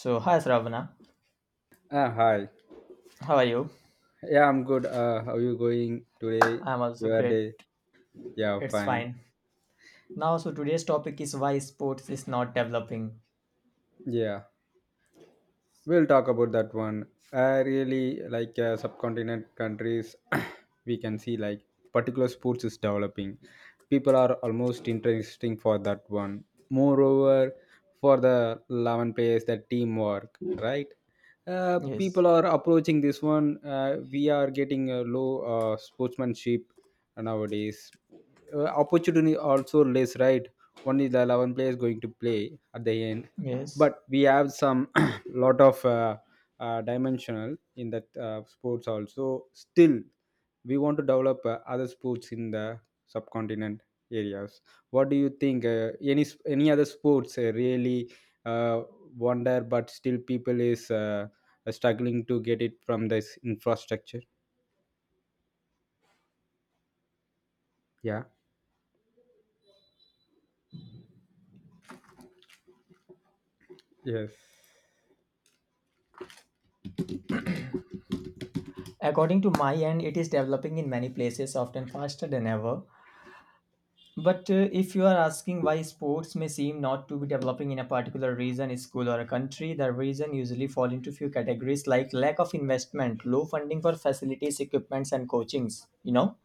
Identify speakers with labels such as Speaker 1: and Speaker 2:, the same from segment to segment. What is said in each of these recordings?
Speaker 1: So, hi Sravana,
Speaker 2: Hi.
Speaker 1: how are you?
Speaker 2: Yeah, I'm good. How you going today?
Speaker 1: I'm also
Speaker 2: Your
Speaker 1: great.
Speaker 2: day? Yeah,
Speaker 1: It's
Speaker 2: fine.
Speaker 1: fine. Now, so today's topic is why sports is not developing.
Speaker 2: Yeah. We'll talk about that one. I really like subcontinent countries. We can see like particular sports is developing. People are almost interesting for that one. Moreover, for the 11 players, the teamwork, right?
Speaker 1: Yes,
Speaker 2: People are approaching this one. We are getting a low sportsmanship nowadays. Opportunity also less, right? Only the 11 players going to play at the end,
Speaker 1: yes.
Speaker 2: but we have some lot of dimensional in that sports also. Still we want to develop other sports in the subcontinent areas. What do you think? Any other sports really uh, wonder, but still people is struggling to get it from this infrastructure. Yeah. Yes.
Speaker 1: According to my end, it is developing in many places, often faster than ever. But if you are asking why sports may seem not to be developing in a particular region, school, or a country, the reason usually fall into few categories like lack of investment, low funding for facilities, equipments, and coachings. You know.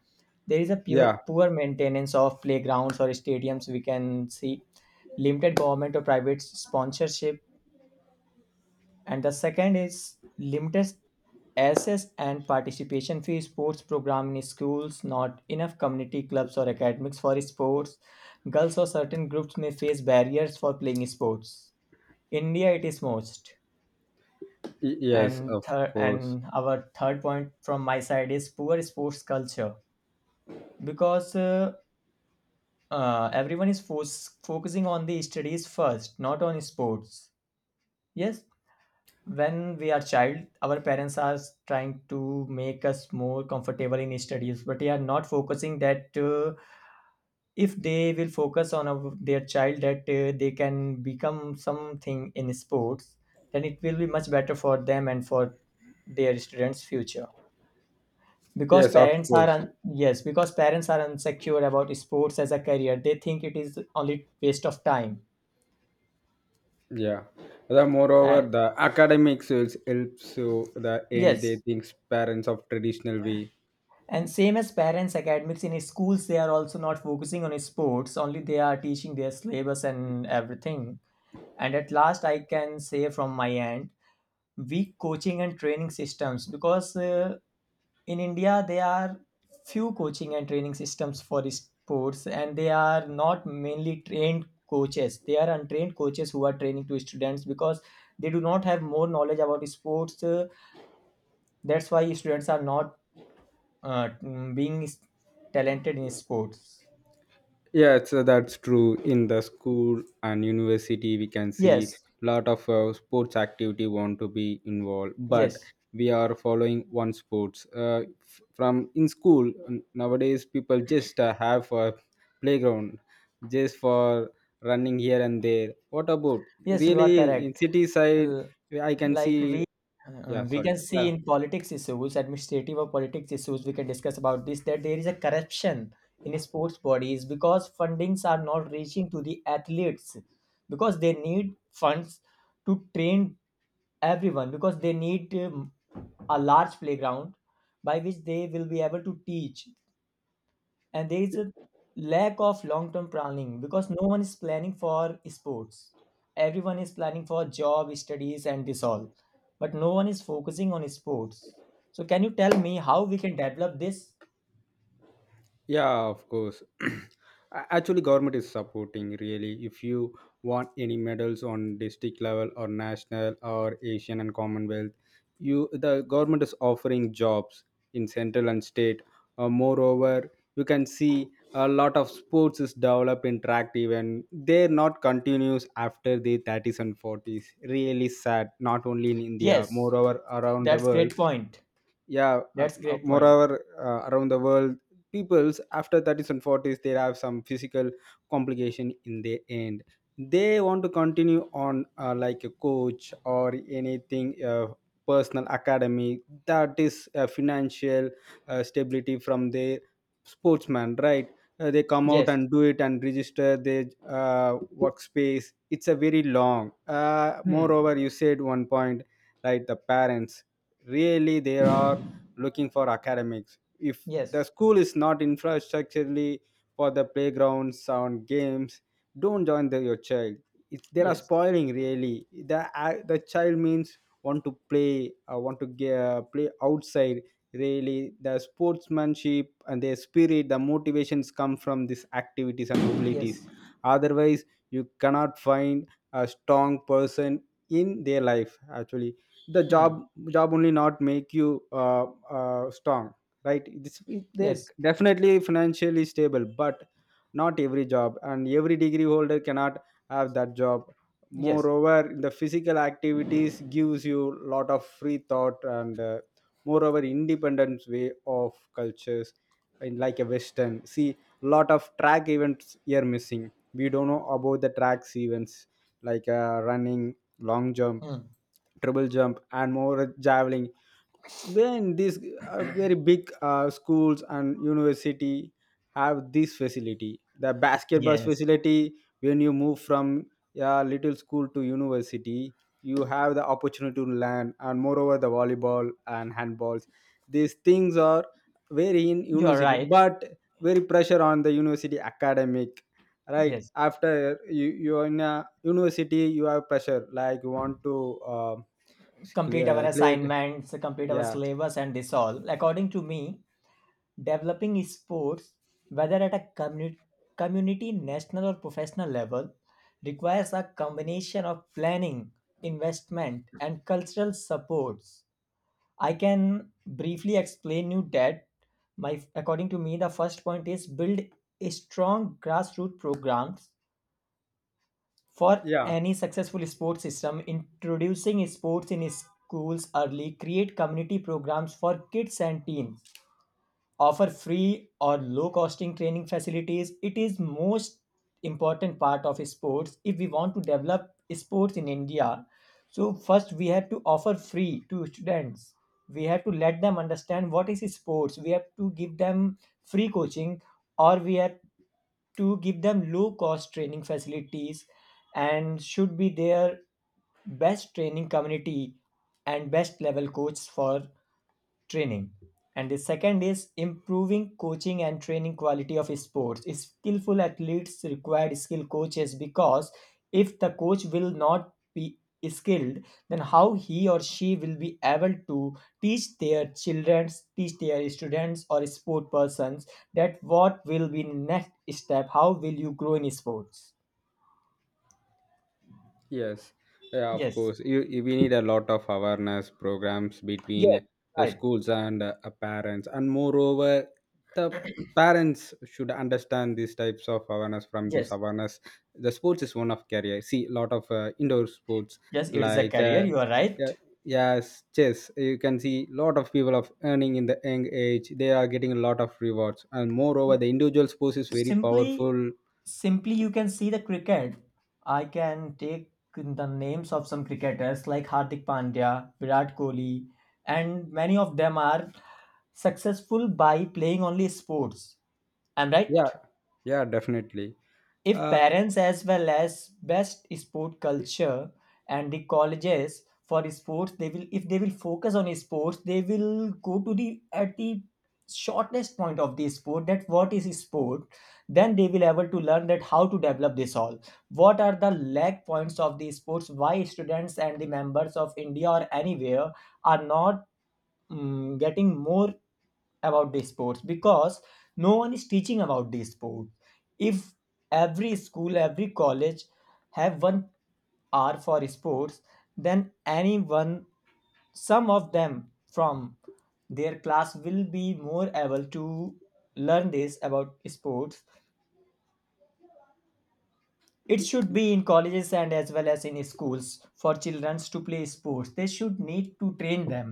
Speaker 1: There is a
Speaker 2: Yeah.
Speaker 1: poor maintenance of playgrounds or stadiums, we can see limited government or private sponsorship. And the second is limited access and participation fee sports program in schools, not enough community clubs or academics for sports. Girls or certain groups may face barriers for playing sports. India, it is most.
Speaker 2: Yes,
Speaker 1: And
Speaker 2: of
Speaker 1: third,
Speaker 2: course.
Speaker 1: and our third point from my side is poor sports culture because everyone is focusing on the studies first, not on sports. Yes, when we are child, our parents are trying to make us more comfortable in studies, but they are not focusing that if they will focus on our, their child that they can become something in sports, then it will be much better for them and for their students' future. Because
Speaker 2: Yes, of
Speaker 1: parents are
Speaker 2: course.
Speaker 1: un- yes, because parents are insecure about sports as a career, they think it is only waste of time
Speaker 2: Yeah. The moreover,
Speaker 1: and
Speaker 2: the academic sales helps so the end they
Speaker 1: yes,
Speaker 2: thinks parents of traditional way.
Speaker 1: and same as parents academics in schools, they are also not focusing on sports, only they are teaching their syllabus and everything. And at last I can say from my end, weak coaching and training systems because in India there are few coaching and training systems for sports and they are not mainly trained coaches, they are untrained coaches who are training to students because they do not have more knowledge about sports. Uh, That's why students are not being s- talented in sports.
Speaker 2: Yeah, so that's true. In the school and university, we can see
Speaker 1: Yes,
Speaker 2: lot of sports activity want to be involved, but
Speaker 1: yes,
Speaker 2: we are following one sports. From in school nowadays, people just have a playground just for running here and there. What about
Speaker 1: yes, you are
Speaker 2: really in
Speaker 1: correct.
Speaker 2: city side?
Speaker 1: L-
Speaker 2: I can
Speaker 1: like
Speaker 2: see.
Speaker 1: we
Speaker 2: Yeah,
Speaker 1: uh, we
Speaker 2: sorry.
Speaker 1: can see
Speaker 2: Yeah.
Speaker 1: in politics issues, administrative or politics issues, we can discuss about this that there is a corruption in sports bodies because fundings are not reaching to the athletes, because they need funds to train everyone, because they need a large playground by which they will be able to teach. And there is a lack of long term planning because no one is planning for sports, everyone is planning for job studies and this all, but no one is focusing on sports. So can you tell me how we can develop this?
Speaker 2: Yeah, of course. Actually government is supporting really if you want any medals on district level or national or asian and commonwealth, you, the government is offering jobs in central and state. Moreover, you can see a lot of sports is developed interactive and they're not continuous after the 30s and 40s. Really sad, not only in india,
Speaker 1: Yes,
Speaker 2: moreover around the
Speaker 1: that's
Speaker 2: world.
Speaker 1: great point,
Speaker 2: Yeah.
Speaker 1: that's great point.
Speaker 2: Moreover, around the world, peoples after 30s and 40s, they have some physical complication in the end. They want to continue on like a coach or anything, personal academy, that is financial stability from their sportsman, right? They come out
Speaker 1: Yes.
Speaker 2: and do it and register their uh, workspace. It's a very long.
Speaker 1: Hmm.
Speaker 2: Moreover, you said one point, right? The parents, really they are looking for academics. If the
Speaker 1: Yes,
Speaker 2: school is not infrastructurally for the playgrounds and games, don't join the, your child. It's, they are
Speaker 1: yes,
Speaker 2: spoiling really the child means want to play, want to play outside. Really the sportsmanship and their spirit, the motivations come from these activities and mobilities.
Speaker 1: yes.
Speaker 2: Otherwise you cannot find a strong person in their life. Actually the job
Speaker 1: Hmm.
Speaker 2: job only not make you strong, right? This, they
Speaker 1: Yes,
Speaker 2: definitely financially stable, but not every job and every degree holder cannot have that job.
Speaker 1: yes.
Speaker 2: Moreover, the physical activities gives you lot of free thought, and moreover independent way of cultures in, like a western, see lot of track events here missing. We don't know about the tracks events like running, long jump,
Speaker 1: Hmm.
Speaker 2: triple jump, and more javelin. Then these very big schools and university have this facility, the basketball
Speaker 1: Yes,
Speaker 2: facility. When you move from a little school to university, you have the opportunity to learn, and moreover, the volleyball and handballs. These things are very in
Speaker 1: you are
Speaker 2: university,
Speaker 1: right.
Speaker 2: but very pressure on the university academic. Right
Speaker 1: Yes,
Speaker 2: after you are in a university, you have pressure like you want to
Speaker 1: complete our
Speaker 2: clear.
Speaker 1: assignments, complete our
Speaker 2: Yeah.
Speaker 1: syllabus and this all. According to me, developing sports, whether at a community, community, national, or professional level, requires a combination of planning, investment, and cultural supports. I can briefly explain you that my according to me the first point is build a strong grassroots programs for
Speaker 2: Yeah.
Speaker 1: any successful sports system, introducing sports in schools early, create community programs for kids and teens, offer free or low costing training facilities. It is most important part of sports. If we want to develop sports in India, so first we have to offer free to students, we have to let them understand what is sports, we have to give them free coaching, or we have to give them low cost training facilities, and should be their best training community and best level coach for training. And the second is improving coaching and training quality of sports. Skillful athletes require skilled coaches, because if the coach will not be skilled, then how he or she will be able to teach their children, teach their students or sport persons, that what will be next step, how will you grow in sports?
Speaker 2: Yes, yeah, of
Speaker 1: Yes,
Speaker 2: course. We need a lot of awareness programs
Speaker 1: yes,
Speaker 2: between the
Speaker 1: right.
Speaker 2: schools and parents, and moreover, the parents should understand these types of awareness. From this
Speaker 1: Yes,
Speaker 2: awareness, the sports is one of career. See, a lot of indoor sports
Speaker 1: yes, it is a
Speaker 2: like
Speaker 1: career, you are
Speaker 2: yeah,
Speaker 1: right.
Speaker 2: yes, chess. You can see lot of people of earning in the young age. They are getting a lot of rewards, and moreover, the individual sports is very
Speaker 1: Simply,
Speaker 2: powerful.
Speaker 1: simply you can see the cricket. I can take the names of some cricketers like Hardik Pandya, Virat Kohli, and many of them are successful by playing only sports. I'm
Speaker 2: Yeah,
Speaker 1: right?
Speaker 2: yeah, definitely.
Speaker 1: If
Speaker 2: Uh,
Speaker 1: parents as well as best sport culture and the colleges for sports, they will, if they will focus on sports, they will go to the at the shortest point of the sport, that what is sport, then they will able to learn that how to develop this all, what are the lag points of the sports, why students and the members of India or anywhere are not getting more about the sports, because no one is teaching about the sport. If every school, every college have 1 hour for sports, then anyone, some of them from their class will be more able to learn this about sports. It should be in colleges and as well as in schools, for children to play sports they should need to train them.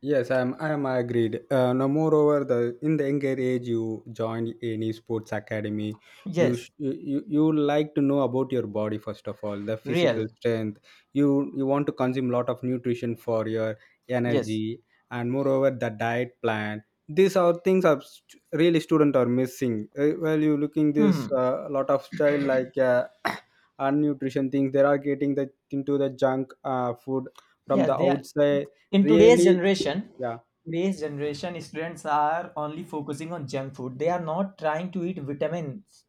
Speaker 2: Yes, I'm agreed. No, moreover, the in the younger age you join any sports academy. you,
Speaker 1: Yes.
Speaker 2: sh- you you you like to know about your body first of all, the physical
Speaker 1: Real.
Speaker 2: strength. You want to consume lot of nutrition for your
Speaker 1: Yes.
Speaker 2: energy, and moreover the diet plan. These are things are really student are missing. Well, you looking this
Speaker 1: Hmm.
Speaker 2: lot of child like unnutrition things. They are getting the into the junk food from
Speaker 1: Yes,
Speaker 2: the
Speaker 1: they are,
Speaker 2: outside.
Speaker 1: in today's
Speaker 2: Really.
Speaker 1: generation,
Speaker 2: Yeah.
Speaker 1: today's generation students are only focusing on junk food, they are not trying to eat vitamins.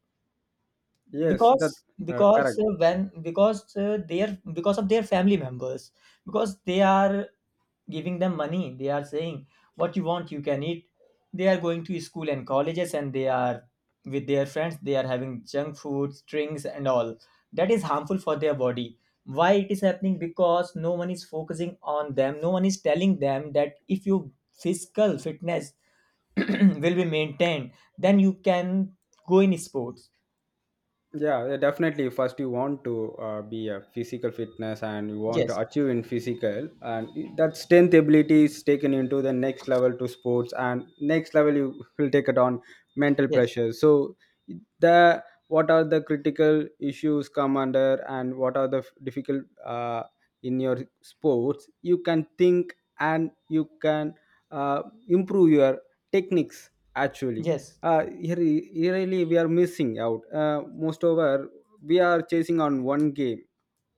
Speaker 2: Yes, that's
Speaker 1: because because
Speaker 2: correct.
Speaker 1: uh, when because their, because of their family members, because they are giving them money, they are saying what you want you can eat. They are going to school and colleges and they are with their friends, they are having junk foods, drinks and all, that is harmful for their body. Why it is happening? Because no one is focusing on them, no one is telling them that if your physical fitness will be maintained, then you can go in sports.
Speaker 2: Yeah, yeah, definitely. First, you want to be a physical fitness, and you want to
Speaker 1: Yes,
Speaker 2: achieve in physical, and that strength ability is taken into the next level to sports, and next level you will take it on mental
Speaker 1: yes.
Speaker 2: pressure. So, the what are the critical issues come under, and what are the difficult in your sports? You can think, and you can uh, improve your techniques. Actually
Speaker 1: Yes.
Speaker 2: here really we are missing out. Most over we are chasing on one game,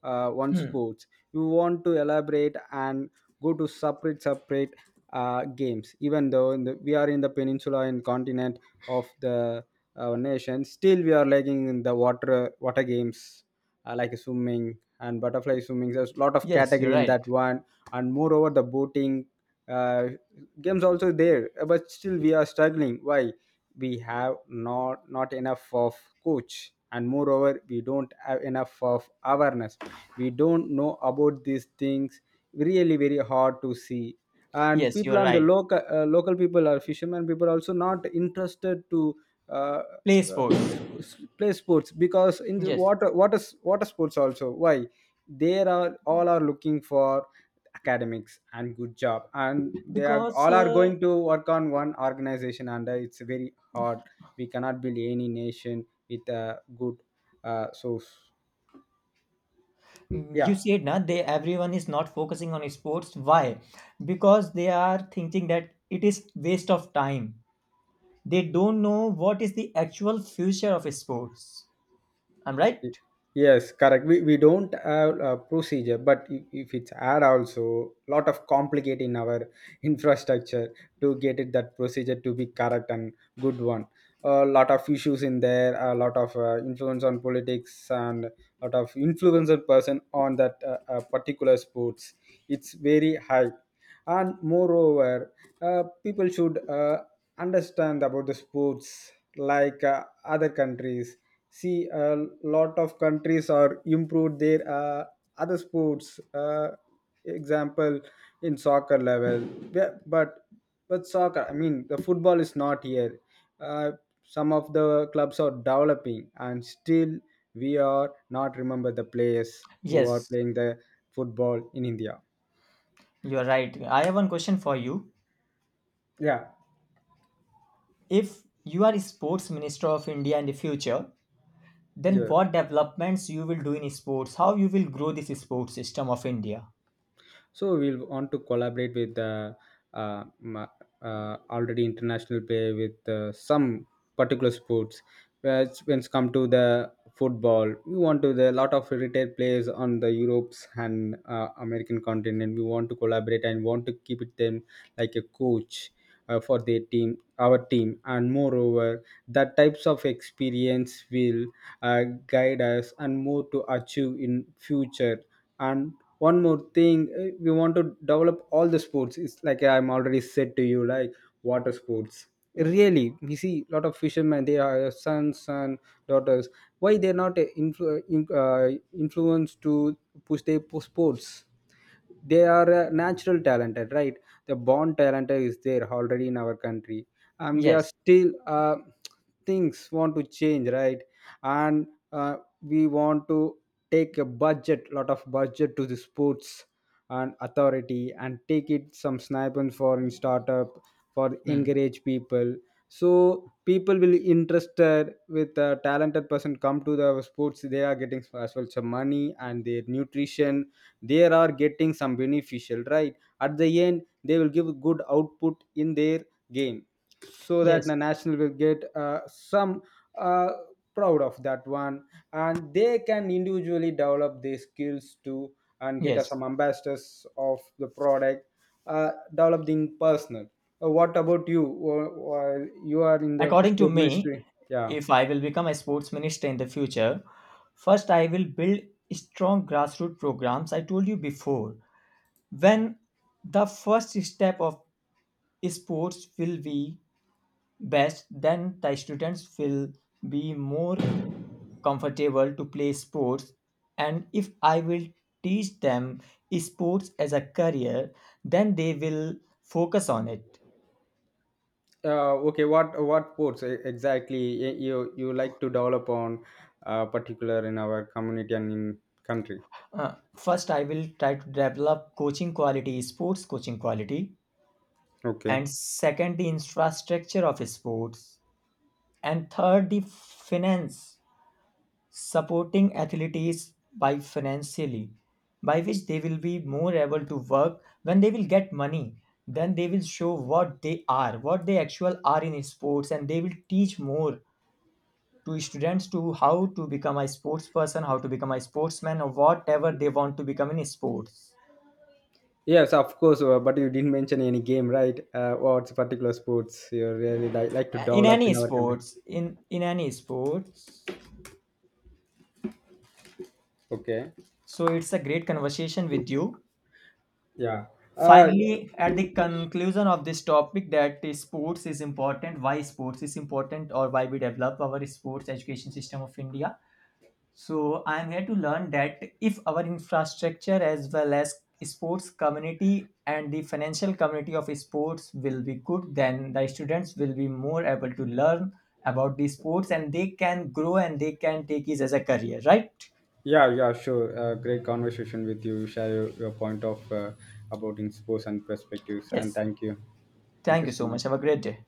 Speaker 2: one
Speaker 1: Hmm.
Speaker 2: sports. You want to elaborate and go to separate games. Even though in the, we are in the peninsula and continent of the nation, still we are lagging in the water games, like swimming and butterfly swimming. There's a lot of
Speaker 1: Yes, you're
Speaker 2: category in
Speaker 1: right.
Speaker 2: that one, and moreover the boating uh, games also there. But still we are struggling. Why? We have not enough of coach, and moreover we don't have enough of awareness. We don't know about these things. Really very hard to see. And
Speaker 1: Yes,
Speaker 2: people
Speaker 1: you're
Speaker 2: on the
Speaker 1: right.
Speaker 2: local local people or fishermen people also not interested to uh,
Speaker 1: Play
Speaker 2: uh,
Speaker 1: sports.
Speaker 2: play sports, because in the
Speaker 1: Yes,
Speaker 2: water sports also. Why they are all are looking for academics and good job, and they are
Speaker 1: because
Speaker 2: all are going to work on one organization, and it's very heart. We cannot build any nation with a good source.
Speaker 1: you
Speaker 2: Yeah.
Speaker 1: said na, they everyone is not focusing on sports. Why? Because they are thinking that it is waste of time. They don't know what is the actual future of sports. I'm right?
Speaker 2: Yes, correct. We don't have a procedure, but if it's add also lot of complicate in our infrastructure to get it that procedure to be correct and good one. A lot of issues in there, a lot of influence on politics, and lot of influence on person on that particular sports. It's very high, and moreover, people should understand about the sports like other countries. See, a lot of countries are improved their other sports, example in soccer level. Yeah, but soccer, I mean the football is not here. uh, some of the clubs are developing and still we are not remember the players who are
Speaker 1: Yes,
Speaker 2: playing the football in india.
Speaker 1: you're right. I have one question for you.
Speaker 2: Yeah.
Speaker 1: If you are sports minister of India in the future, then
Speaker 2: Yeah.
Speaker 1: what developments you will do in sports? How you will grow this sports system of India?
Speaker 2: So we'll want to collaborate with the uh, ma- already international play with some particular sports. Whereas when it's come to the football, we want to the lot of retired players on the europe's and american continent. We want to collaborate and want to keep it them like a coach for their team, our team. And moreover that types of experience will guide us and more to achieve in future. And one more thing, we want to develop all the sports. It's like I'm already said to you, like water sports. Really we see a lot of fishermen, they are sons and daughters. Why they're not influenced to push their sports? They are natural talented, right? The born talent is there already in our country. And we are
Speaker 1: Yes.
Speaker 2: still things want to change, right? And uh, we want to take a budget, lot of budget to the sports and authority, and take it some sniper for in startup for
Speaker 1: Mm.
Speaker 2: encourage people. So people will interested, with a talented person come to the sports, they are getting as well some money and their nutrition. They are getting some beneficial, right? At the end they will give good output in their game. So that
Speaker 1: Yes.
Speaker 2: the national will get some uh, proud of that one, and they can individually develop their skills to, and get us
Speaker 1: Yes.
Speaker 2: some ambassadors of the product. Developing personal. What about you? You are in the
Speaker 1: According to
Speaker 2: sport
Speaker 1: me,
Speaker 2: ministry? Yeah.
Speaker 1: if I will become a sports minister in the future, first I will build strong grassroots programs. I told you before. When the first step of sports will be best, then the students will be more comfortable to play sports. And if I will teach them sports as a career, then they will focus on it.
Speaker 2: Okay, what sports exactly you like to develop on, particular in our community and in country?
Speaker 1: First, I will try to develop coaching quality, sports coaching quality,
Speaker 2: Okay.
Speaker 1: and second, the infrastructure of sports, and third, the finance, supporting athletes by financially, by which they will be more able to work when they will get money. Then they will show what they are, what they actual are in sports, and they will teach more to students to how to become a sports person, how to become a sportsman, or whatever they want to become in sports.
Speaker 2: Yes, of course. But you didn't mention any game, right? What's particular sports you really like to
Speaker 1: In
Speaker 2: develop
Speaker 1: any
Speaker 2: in our country?
Speaker 1: sports, in any sports.
Speaker 2: Okay.
Speaker 1: So it's a great conversation with you.
Speaker 2: Yeah. Uh,
Speaker 1: Finally, at the conclusion of this topic, that is sports is important, why sports is important, or why we develop our sports education system of India. So I'm here to learn that if our infrastructure as well as sports community and the financial community of sports will be good, then the students will be more able to learn about the sports and they can grow and they can take it as a career, right?
Speaker 2: yeah, yeah, sure. Great conversation with you. You. Share your point of about in sports and perspectives. And
Speaker 1: Yes.
Speaker 2: thank you. Thank you
Speaker 1: Thank you
Speaker 2: so
Speaker 1: so much. Have a
Speaker 2: much.
Speaker 1: great day.